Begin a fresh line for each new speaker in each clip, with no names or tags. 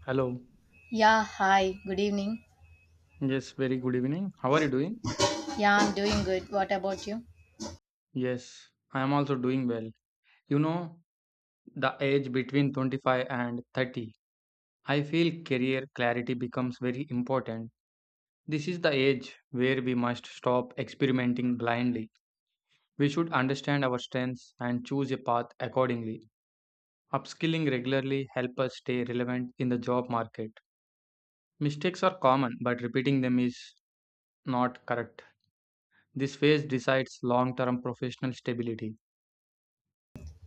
Hello.
Yeah, hi, good evening.
Yes, very good evening. How are you doing?
Yeah, I'm doing good. What about you?
Yes, I am also doing well. You know, the age between 25 and 30, I feel career clarity becomes very important. This is the age where we must stop experimenting blindly. We should understand our strengths and choose a path accordingly. Upskilling regularly help us stay relevant in the job market. Mistakes are common, but repeating them is not correct. This phase decides long-term professional stability.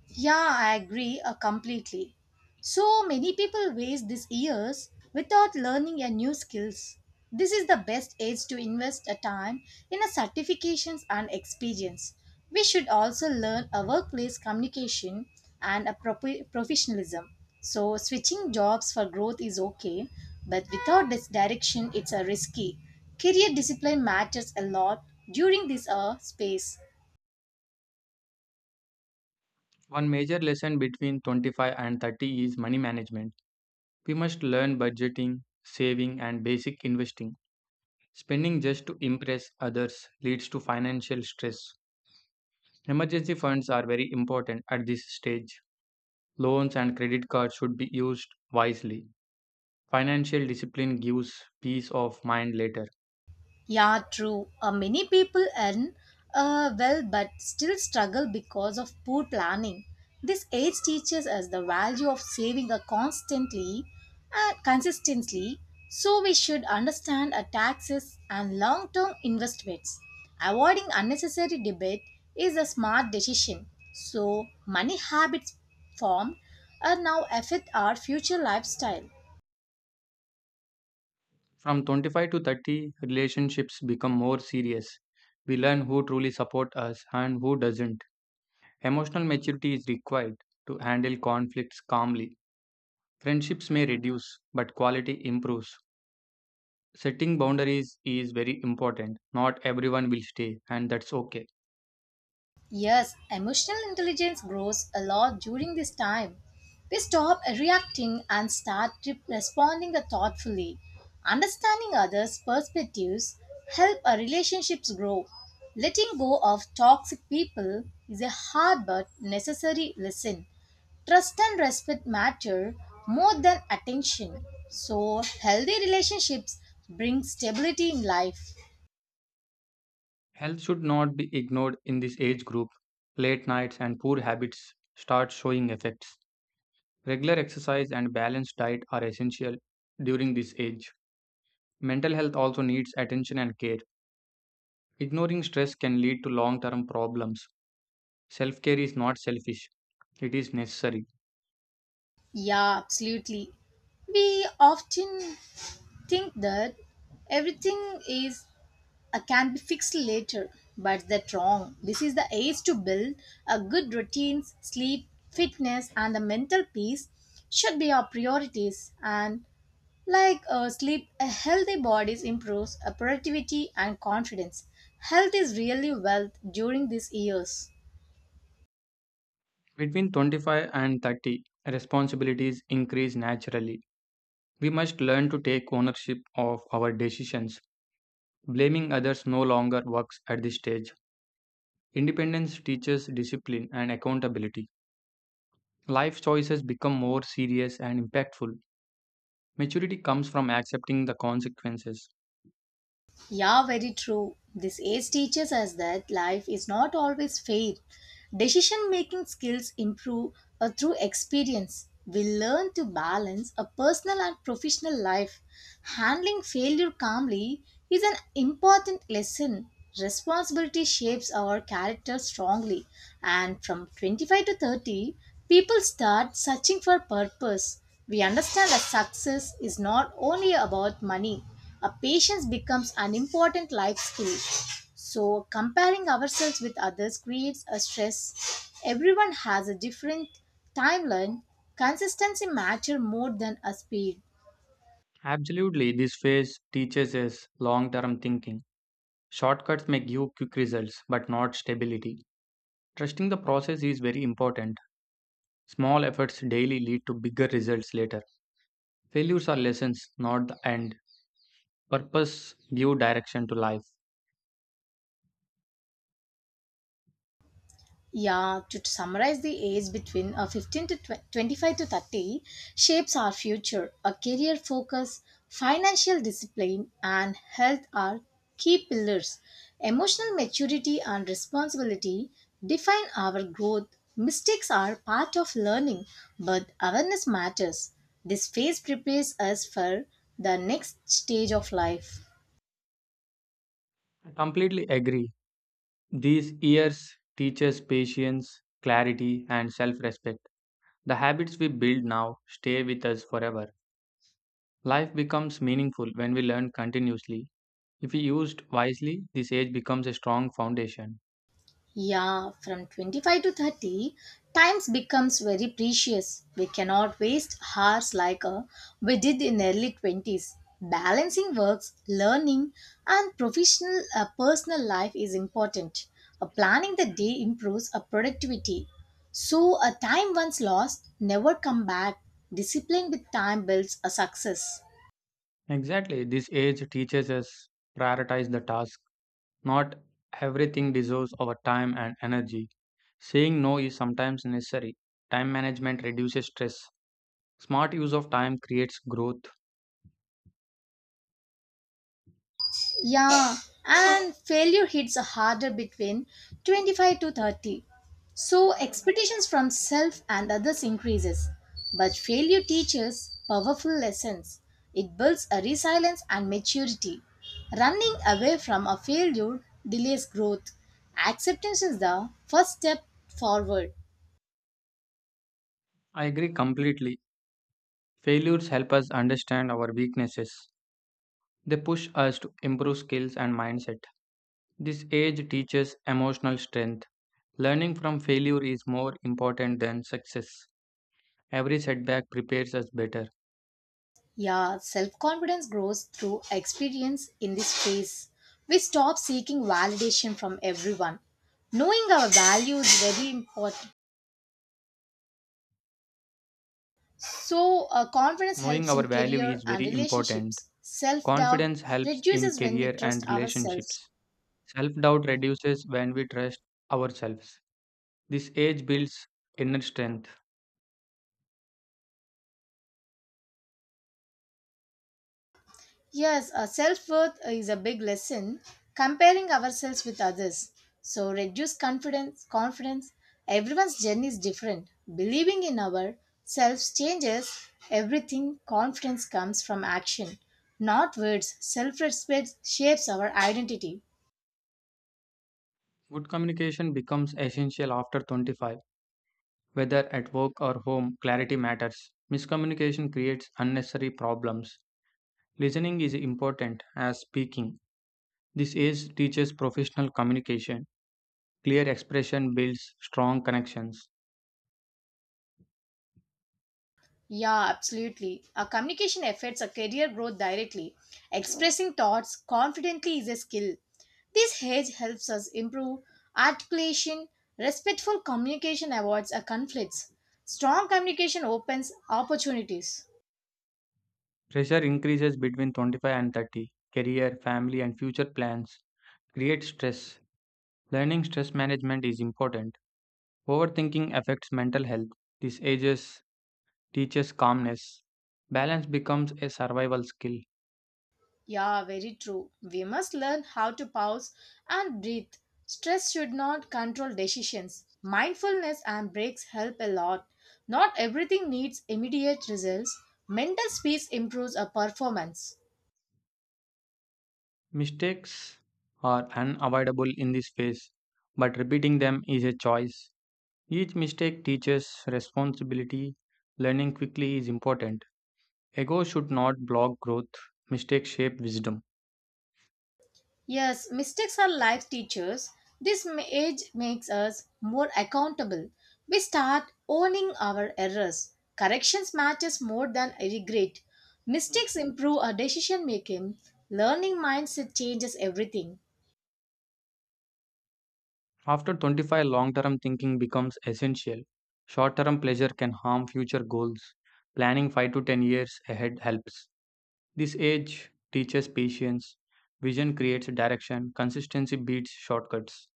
Yeah, I agree completely. So many people waste these years without learning a new skills. This is the best age to invest a time in a certifications and experience. We should also learn a workplace communication and a proper professionalism. So switching jobs for growth is okay, but without this direction, it's a risky. Career discipline matters a lot during this space.
One major lesson between 25 and 30 is money management. We must learn budgeting, saving, and basic investing. Spending just to impress others leads to financial stress. Emergency funds are very important at this stage. Loans and credit cards should be used wisely. Financial discipline gives peace of mind later.
Yeah, true. Many people earn well but still struggle because of poor planning. This age teaches us the value of saving constantly and consistently, so we should understand our taxes and long term investments. Avoiding unnecessary debt is a smart decision. So, money habits formed are now affect our future lifestyle.
From 25 to 30, relationships become more serious. We learn who truly support us and who doesn't. Emotional maturity is required to handle conflicts calmly. Friendships may reduce, but quality improves. Setting boundaries is very important. Not everyone will stay, and that's okay.
Yes, emotional intelligence grows a lot during this time. We stop reacting and start responding thoughtfully. Understanding others' perspectives help our relationships grow. Letting go of toxic people is a hard but necessary lesson. Trust and respect matter more than attention. So, healthy relationships bring stability in life.
Health should not be ignored in this age group. Late nights and poor habits start showing effects. Regular exercise and balanced diet are essential during this age. Mental health also needs attention and care. Ignoring stress can lead to long term problems. Self care is not selfish, it is necessary.
Yeah, absolutely. We often think that everything is can be fixed later, but that's wrong. This is the age to build a good routines. Sleep, fitness, and the mental peace should be our priorities. And like sleep, a healthy body improves productivity and confidence. Health is really wealth during these years.
Between 25 and 30, responsibilities increase naturally. We must learn to take ownership of our decisions. Blaming others no longer works at this stage. Independence teaches discipline and accountability. Life choices become more serious and impactful. Maturity comes from accepting the consequences.
Yeah, very true. This age teaches us that life is not always fair. Decision making skills improve through experience. We learn to balance a personal and professional life. Handling failure calmly is an important lesson. Responsibility shapes our character strongly, and from 25 to 30, people start searching for purpose. We understand that success is not only about money a patience becomes an important life skill. So, comparing ourselves with others creates a stress. Everyone has a different timeline. Consistency matters more than a speed.
Absolutely, this phase teaches us long term thinking. Shortcuts may give quick results but not stability. Trusting the process is very important. Small efforts daily lead to bigger results later. Failures are lessons, not the end. Purpose give direction to life.
Yeah, to summarize, the age between 15 to 25 to 30 shapes our future. A career focus, financial discipline, and health are key pillars. Emotional maturity and responsibility define our growth. Mistakes are part of learning, but awareness matters. This phase prepares us for the next stage of life.
I completely agree. These years teach us patience, clarity, and self respect. The habits we build now stay with us forever. Life becomes meaningful when we learn continuously. If we used wisely, this age becomes a strong foundation.
Yeah, from 25 to 30, times becomes very precious. We cannot waste hours like we did in early 20s. Balancing works, learning, and professional personal life is important. Planning the day improves our productivity. So a time once lost never come back. Discipline with time builds a success.
Exactly, this age teaches us prioritize the task, not everything deserves our time and energy. Saying no is sometimes necessary. Time management reduces stress. Smart use of time creates growth.
Yeah, and failure hits harder between 25 to 30. So expectations from self and others increases. But failure teaches powerful lessons. It builds a resilience and maturity. Running away from a failure delays growth. Acceptance is the first step forward.
I agree completely. Failures help us understand our weaknesses. They push us to improve skills and mindset. This age teaches emotional strength. Learning from failure is more important than success. Every setback prepares us better.
Yeah, self confidence grows through experience in this phase. We stop seeking validation from everyone. Knowing our value is very important. So, confidence
Knowing
helps
our
in
value
career
is
and
very important.
relationships. Self doubt
Confidence helps in
reduces when we
career
trust
and
ourselves.
relationships. Self doubt reduces when we trust ourselves. This age builds inner strength.
Yes, self worth is a big lesson comparing ourselves with others. So reduce confidence. Everyone's journey is different. Believing in ourselves changes everything. Confidence comes from action, not words. Self-respect shapes our identity.
Good communication becomes essential after 25, whether at work or home, clarity matters. Miscommunication creates unnecessary problems. Listening is important as speaking. This age teaches professional communication. Clear expression builds strong connections.
Yeah, absolutely. Our communication affects our career growth directly. Expressing thoughts confidently is a skill. This hedge helps us improve articulation. Respectful communication avoids our conflicts. Strong communication opens opportunities.
Pressure increases between 25 and 30. Career, family, and future plans create stress. Learning stress management is important. Overthinking affects mental health. This ages teaches calmness. Balance becomes a survival skill.
Yeah, very true. We must learn how to pause and breathe. Stress should not control decisions. Mindfulness and breaks help a lot. Not everything needs immediate results. Mental space improves our performance.
Mistakes are unavoidable in this phase, but repeating them is a choice. Each mistake teaches responsibility. Learning quickly is important. Ego should not block growth. Mistakes shape wisdom.
Yes, mistakes are life teachers. This age makes us more accountable. We start owning our errors. Corrections matters more than regret. Mistakes improve our decision making. Learning mindset changes everything.
After 25, long term thinking becomes essential. Short term pleasure can harm future goals. Planning 5 to 10 years ahead helps. This age teaches patience. Vision creates direction. Consistency beats shortcuts.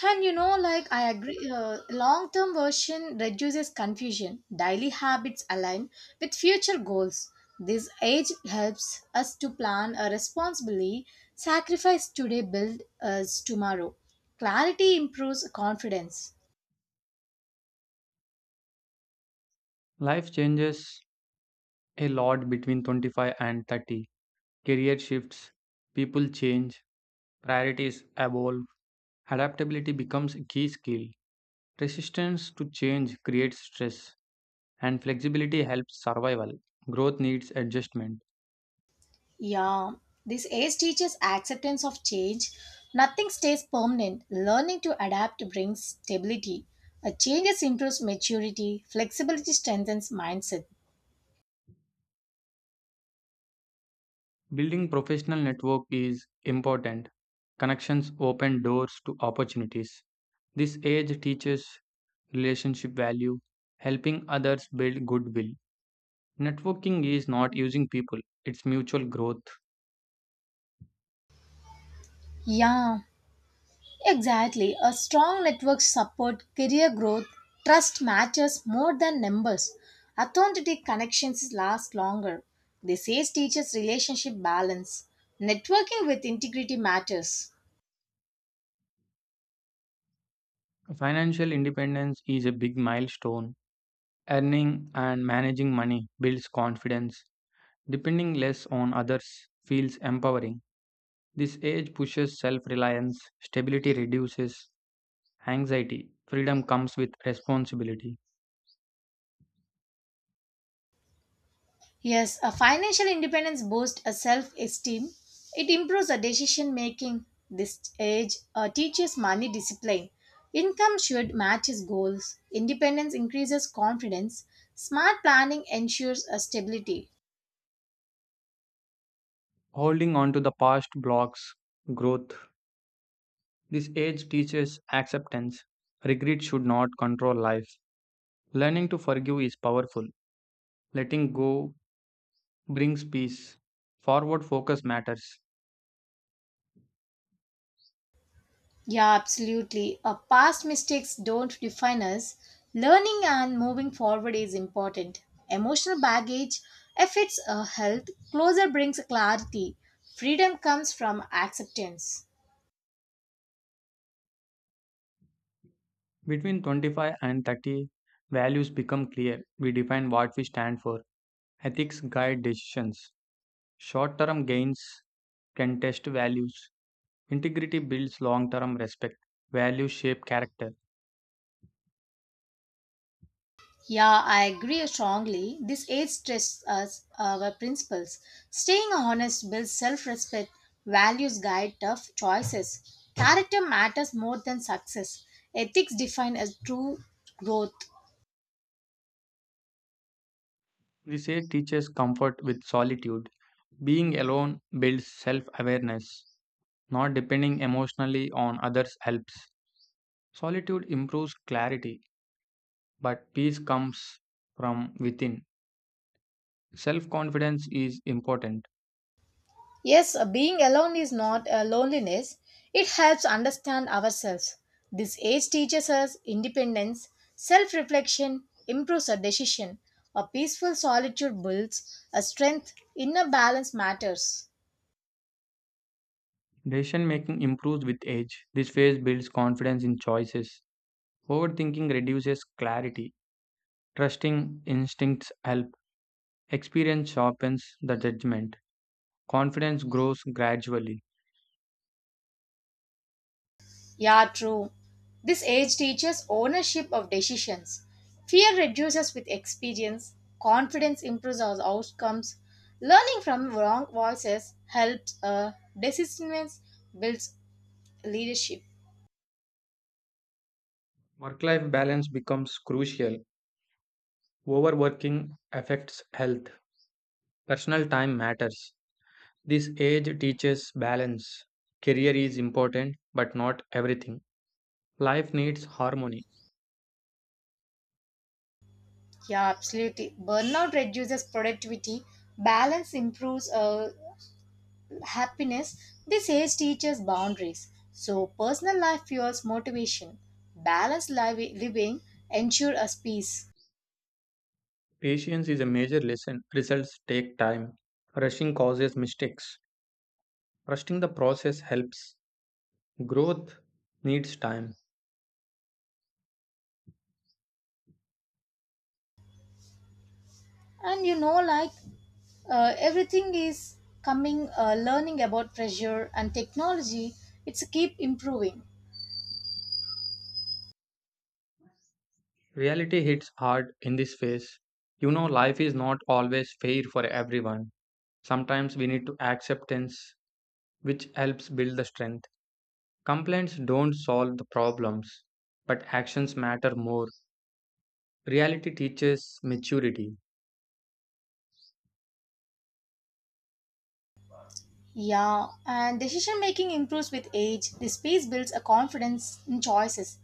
And like I agree, long term version reduces confusion. Daily habits align with future goals. This age helps us to plan responsibly, sacrifice today, build us tomorrow. Clarity improves confidence.
Life changes a lot between 25 and 30. Career shifts, people change, priorities evolve. Adaptability becomes a key skill. Resistance to change creates stress, and flexibility helps survival. Growth needs adjustment.
Yeah, this age teaches acceptance of change. Nothing stays permanent. Learning to adapt brings stability. A changes improves maturity, flexibility strengthens mindset.
Building professional network is important. Connections open doors to opportunities. This age teaches relationship value, helping others build goodwill. Networking is not using people, it's mutual growth.
Yeah, exactly. A strong network support career growth. Trust matters more than numbers. Authentic connections last longer. They say teaches relationship balance. Networking with integrity matters.
Financial independence is a big milestone. Earning and managing money builds confidence. Depending less on others feels empowering. This age pushes self reliance, stability reduces anxiety, freedom comes with responsibility.
Yes, a financial independence boosts a self-esteem. It improves a decision making. This age teaches money discipline. Income should match his goals. Independence increases confidence. Smart planning ensures a stability.
Holding on to the past blocks growth. This age teaches acceptance. Regret should not control life. Learning to forgive is powerful. Letting go brings peace. Forward focus matters.
Yeah, absolutely. Past mistakes don't define us. Learning and moving forward is important. Emotional baggage affects our health. Closure brings clarity. Freedom comes from acceptance.
Between 25 and 30, values become clear. We define what we stand for. Ethics guide decisions. Short term gains can test values. Integrity builds long term respect. Values shape character.
Yeah, I agree strongly. This age stresses us our principles. Staying honest builds self respect. Values guide tough choices. Character matters more than success. Ethics define as true growth.
Research teaches comfort with solitude. Being alone builds self awareness. Not depending emotionally on others helps. Solitude improves clarity, but peace comes from within. Self confidence is important.
Yes, being alone is not a loneliness. It helps understand ourselves. This age teaches us independence, self-reflection, improves our decision. A peaceful solitude builds a strength. Inner balance matters.
Decision making improves with age. This phase builds confidence in choices. Overthinking reduces clarity. Trusting instincts help. Experience sharpens the judgment. Confidence grows gradually.
Yeah, true. This age teaches ownership of decisions. Fear reduces with experience. Confidence improves our outcomes. Learning from wrong voices helps decisions builds leadership.
Work life balance becomes crucial. Overworking affects health. Personal time matters. This age teaches balance. Career is important, but not everything. Life needs harmony.
Yeah, absolutely. Burnout reduces productivity, balance improves happiness. This age teaches boundaries. So, personal life fuels motivation. Balanced living ensures us peace.
Patience is a major lesson. Results take time. Rushing causes mistakes. Trusting the process helps. Growth needs time.
And like everything is coming, learning about pressure and technology, it's keep improving.
Reality hits hard in this phase. Life is not always fair for everyone. Sometimes we need to acceptance which helps build the strength. Complaints don't solve the problems, but actions matter more. Reality teaches maturity.
Yeah, and decision making improves with age. The space builds a confidence in choices.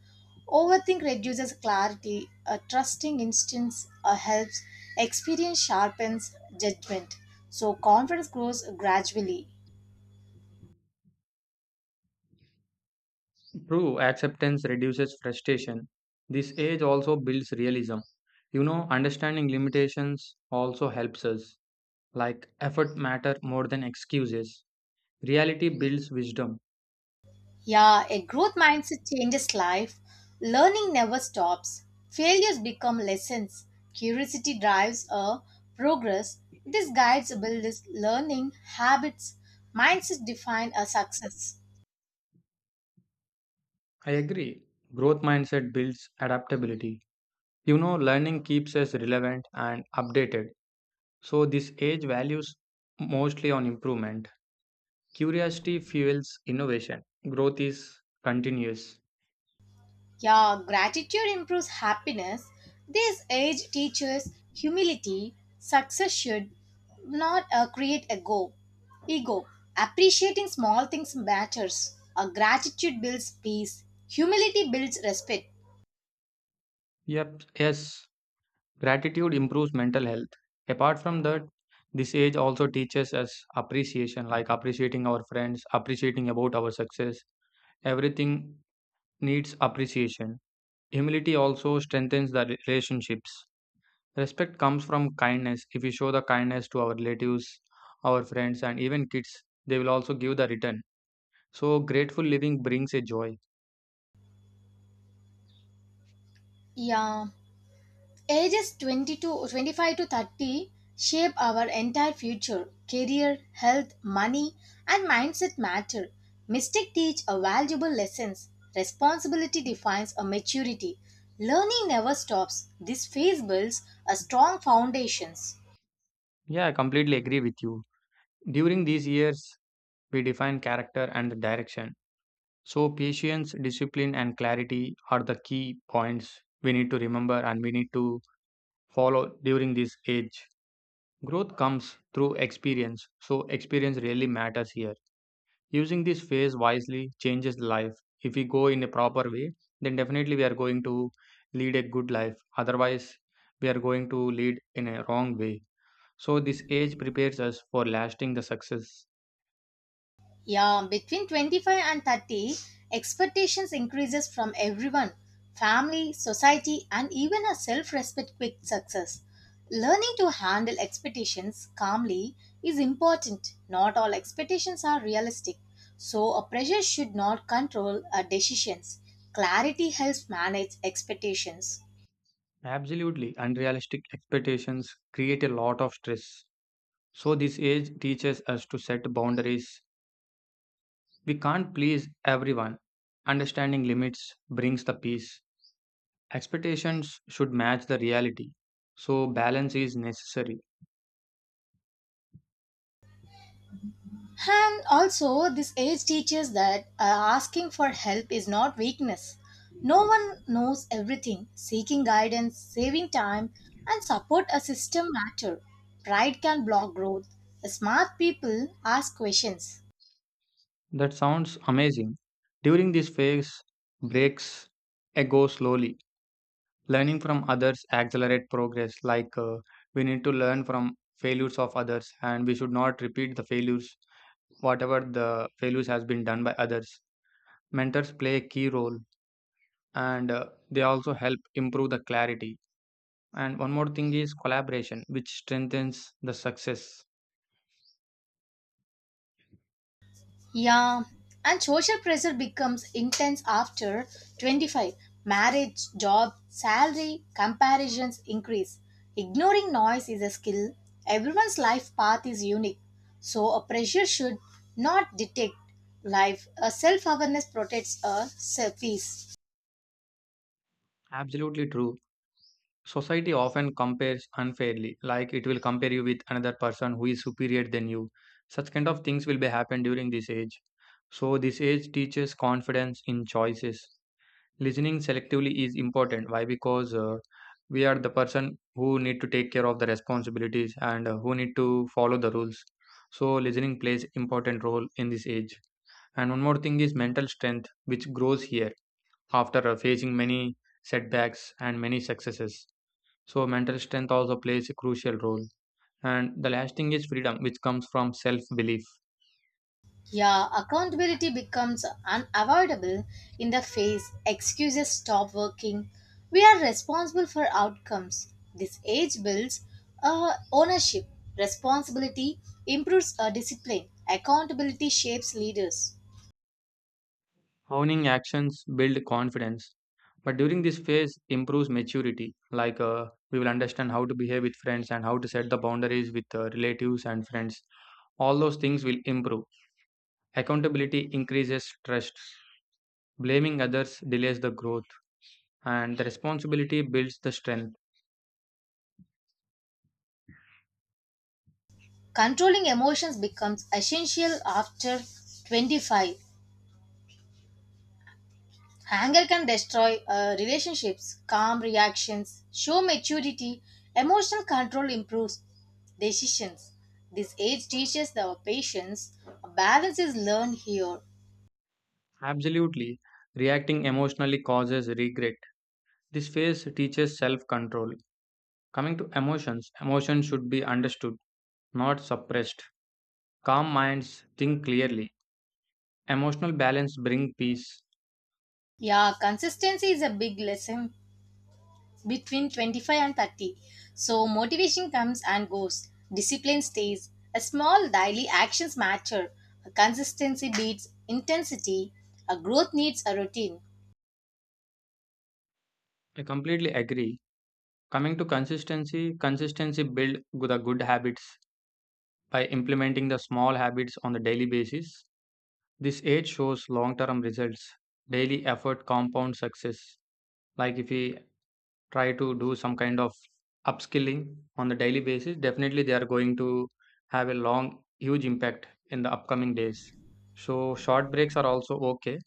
Overthink reduces clarity. A trusting instincts helps. Experience sharpens judgment. So confidence grows gradually.
True acceptance reduces frustration. This age also builds realism. Understanding limitations also helps us. Like effort matter more than excuses. Reality builds wisdom.
Yeah, a growth mindset changes life. Learning never stops. Failures become lessons. Curiosity drives a progress. This guides builds learning habits. Mindset define a success.
I agree. Growth mindset builds adaptability. Learning keeps us relevant and updated. So, this age values mostly on improvement. Curiosity fuels innovation. Growth is continuous.
Yeah, gratitude improves happiness. This age teaches humility. Success should not create a ego. Appreciating small things matters. Gratitude builds peace. Humility builds respect.
Yep, yes, gratitude improves mental health. Apart from that, this age also teaches us appreciation, like appreciating our friends, appreciating about our success. Everything needs appreciation. Humility also strengthens the relationships. Respect comes from kindness. If we show the kindness to our relatives, our friends, and even kids, they will also give the return. So grateful living brings a joy.
Yeah, ages 22, 25 to 30 shape our entire future. Career, health, money, and mindset matter. Mistakes teach a valuable lessons. Responsibility defines a maturity. Learning never stops. This phase builds a strong foundations.
Yeah, I completely agree with you. During these years, we define character and the direction. So patience, discipline, and clarity are the key points we need to remember and we need to follow during this age. Growth comes through experience, so experience really matters here. Using this phase wisely changes the life. If we go in a proper way, then definitely we are going to lead a good life. Otherwise, we are going to lead in a wrong way. So, this age prepares us for lasting the success.
Yeah, between 25 and 30, expectations increases from everyone, family, society and even a self-respect quick success. Learning to handle expectations calmly is important. Not all expectations are realistic, so a pressure should not control our decisions. Clarity helps manage expectations.
Absolutely, unrealistic expectations create a lot of stress. So, this age teaches us to set boundaries. We can't please everyone. Understanding limits brings the peace. Expectations should match the reality. So, balance is necessary.
And also, this age teaches that asking for help is not weakness. No one knows everything. Seeking guidance, saving time, and support a system matter. Pride can block growth. Smart people ask questions.
That sounds amazing. During this phase, breaks go slowly. Learning from others accelerate progress. We need to learn from failures of others, and we should not repeat the failures. Whatever the failures has been done by others, mentors play a key role, and they also help improve the clarity. And one more thing is collaboration, which strengthens the success.
Yeah, and social pressure becomes intense after 25. Marriage, job, salary, comparisons increase. Ignoring noise is a skill. Everyone's life path is unique. So, a pressure should not detect life. A self awareness protects a peace.
Absolutely true. Society often compares unfairly, like it will compare you with another person who is superior than you. Such kind of things will be happen during this age. So this age teaches confidence in choices. Listening selectively is important. Why? Because we are the person who need to take care of the responsibilities and who need to follow the rules. So listening plays important role in this age. And one more thing is mental strength, which grows here after facing many setbacks and many successes. So mental strength also plays a crucial role. And the last thing is freedom, which comes from self belief.
Yeah, accountability becomes unavoidable in the face excuses stop working. We are responsible for outcomes. This age builds ownership. Responsibility improves discipline. Accountability shapes leaders.
Owning actions build confidence, but during this phase improves maturity. We will understand how to behave with friends and how to set the boundaries with relatives and friends. All those things will improve. Accountability increases trust. Blaming others delays the growth, and the responsibility builds the strength.
Controlling emotions becomes essential after 25. Anger can destroy relationships, calm reactions, show maturity, emotional control improves decisions. This age teaches our patience. Balance is learned here.
Absolutely, reacting emotionally causes regret. This phase teaches self control. Coming to emotions, emotions should be understood, not suppressed. Calm minds think clearly. Emotional balance bring peace.
Yeah, consistency is a big lesson between 25 and 30. So, motivation comes and goes, discipline stays. A small daily actions matter. Consistency beats intensity. A growth needs a routine.
I completely agree. Coming to consistency, consistency build the good habits by implementing the small habits on the daily basis. This age shows long-term results. Daily effort compounds success. Like if we try to do some kind of upskilling on the daily basis, definitely they are going to have a long huge impact in the upcoming days. So short breaks are also okay.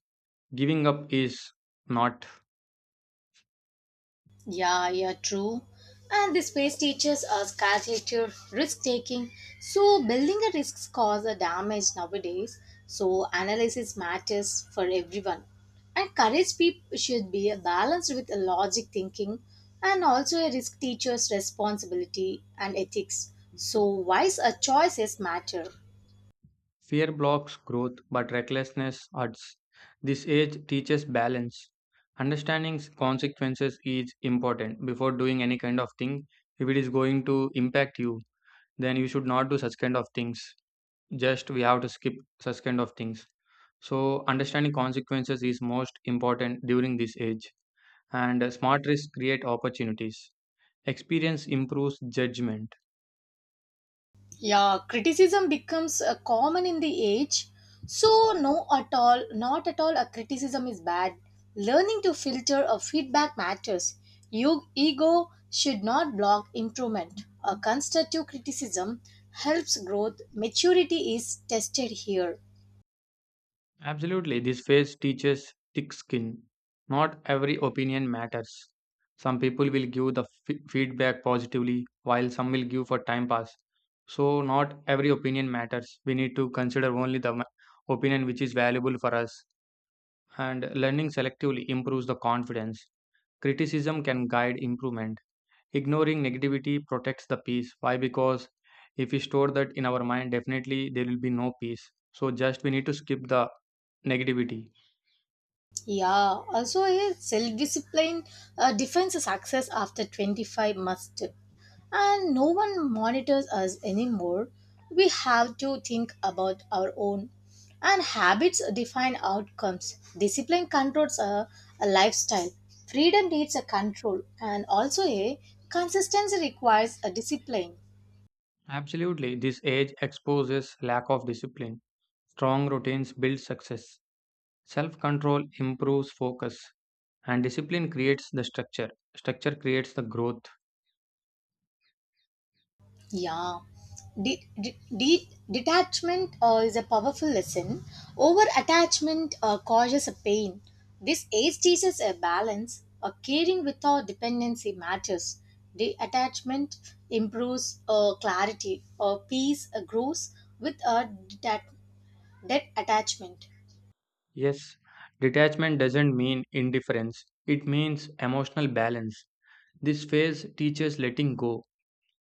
Giving up is not.
Yeah, yeah, true. And this phase teaches us calculated risk taking. So building a risk cause a damage nowadays. So analysis matters for everyone. And courage peop should be balanced with a logic thinking and also a risk teacher's responsibility and ethics. So wise choices matter.
Fear blocks growth but recklessness hurts. This age teaches balance. Understanding consequences is important before doing any kind of thing. If it is going to impact you, then you should not do such kind of things. Just we have to skip such kind of things. So understanding consequences is most important during this age, and smart risks create opportunities. Experience improves judgment.
Yeah, criticism becomes common in the age. So, no, at all, not at all, a criticism is bad. Learning to filter a feedback matters. Your ego should not block improvement. A constructive criticism helps growth. Maturity is tested here.
Absolutely, this phase teaches thick skin. Not every opinion matters. Some people will give the feedback positively while some will give for time pass. So not every opinion matters. We need to consider only the opinion which is valuable for us, and learning selectively improves the confidence. Criticism can guide improvement. Ignoring negativity protects the peace. Why? Because if we store that in our mind, definitely there will be no peace. So just we need to skip the negativity.
Yeah, also a self discipline defines a success after 25 must and no one monitors us anymore. We have to think about our own and habits define outcomes. Discipline controls a lifestyle. Freedom needs a control and also a consistency requires a discipline.
Absolutely, this age exposes lack of discipline. Strong routines build success. Self control improves focus, and discipline creates the structure. Structure creates the growth.
Yeah. Detachment is a powerful lesson. Over attachment causes a pain. This age teaches a balance. A caring without dependency matters. Detachment improves clarity. Peace grows with a dead attachment.
Yes, detachment doesn't mean indifference, it means emotional balance. This phase teaches letting go.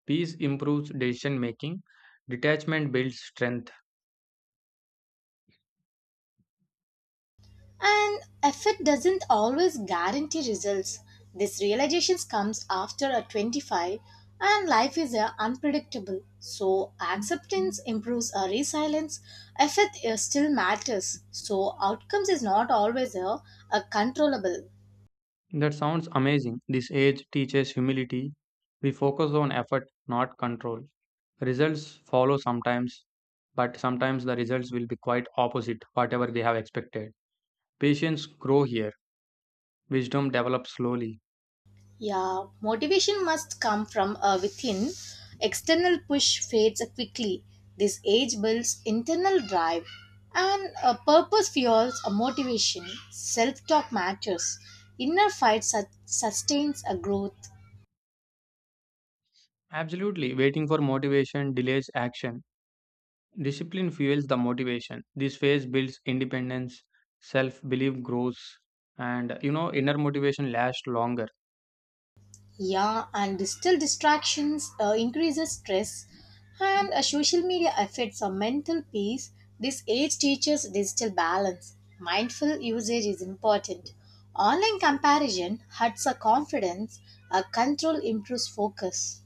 Peace improves decision making. Detachment builds strength.
And effort doesn't always guarantee results. This realization comes after a 25 and life is unpredictable. So acceptance improves our resilience. Effort still matters. So outcomes is not always controllable.
That sounds amazing. This age teaches humility. We focus on effort, not control. Results follow sometimes, but sometimes the results will be quite opposite whatever they have expected. Patience grow here. Wisdom develops slowly.
Yeah, motivation must come from within. External push fades quickly. This age builds internal drive, and a purpose fuels a motivation. Self talk matters. Inner fight sustains a growth.
Absolutely. Waiting for motivation delays action. Discipline fuels the motivation. This phase builds independence, self belief grows, and inner motivation lasts longer.
Yeah, and digital distractions increases stress, and social media affects our mental peace. This age teaches digital balance. Mindful usage is important. Online comparison hurts our confidence. Our control improves focus.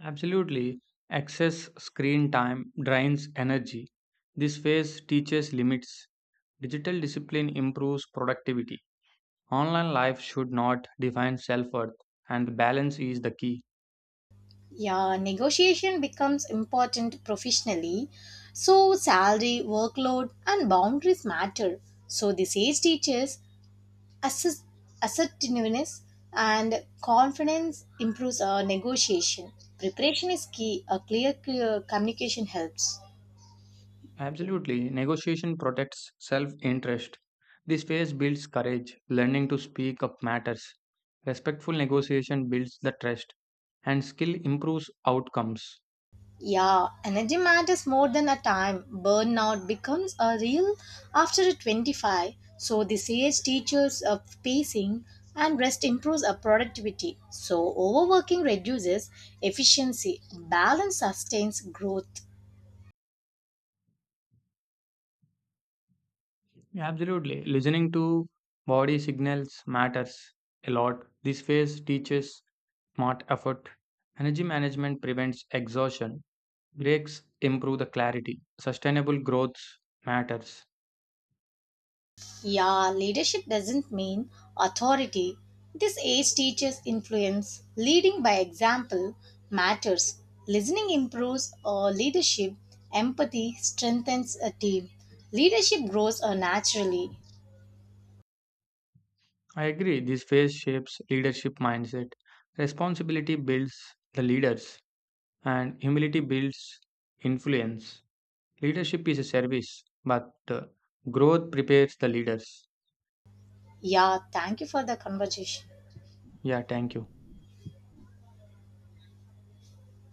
Absolutely. Excess screen time drains energy. This phase teaches limits. Digital discipline improves productivity. Online life should not define self worth, and balance is the key.
Yeah, negotiation becomes important professionally. So salary, workload, and boundaries matter. So this age teaches assess- assertiveness and confidence improves our negotiation preparation is key a clear communication helps.
Absolutely. Negotiation protects self interest. This phase builds courage. Learning to speak up matters. Respectful negotiation builds the trust, and skill improves outcomes.
Yeah, energy matters more than a time. Burnout becomes a real after a 25. So the sage teaches of pacing, and rest improves our productivity. So overworking reduces efficiency. Balance sustains growth.
Yeah, absolutely. Listening to body signals matters a lot. This phase teaches smart effort. Energy management prevents exhaustion. Breaks improve the clarity. Sustainable growth matters.
Yeah, leadership doesn't mean authority. This age teaches influence. Leading by example matters. Listening improves leadership. Empathy strengthens a team. Leadership grows naturally.
I agree. This phase shapes leadership mindset. Responsibility builds the leaders, and humility builds influence. Leadership is a service, but growth prepares the leaders.
Yeah, thank you for the conversation.
Yeah, thank you.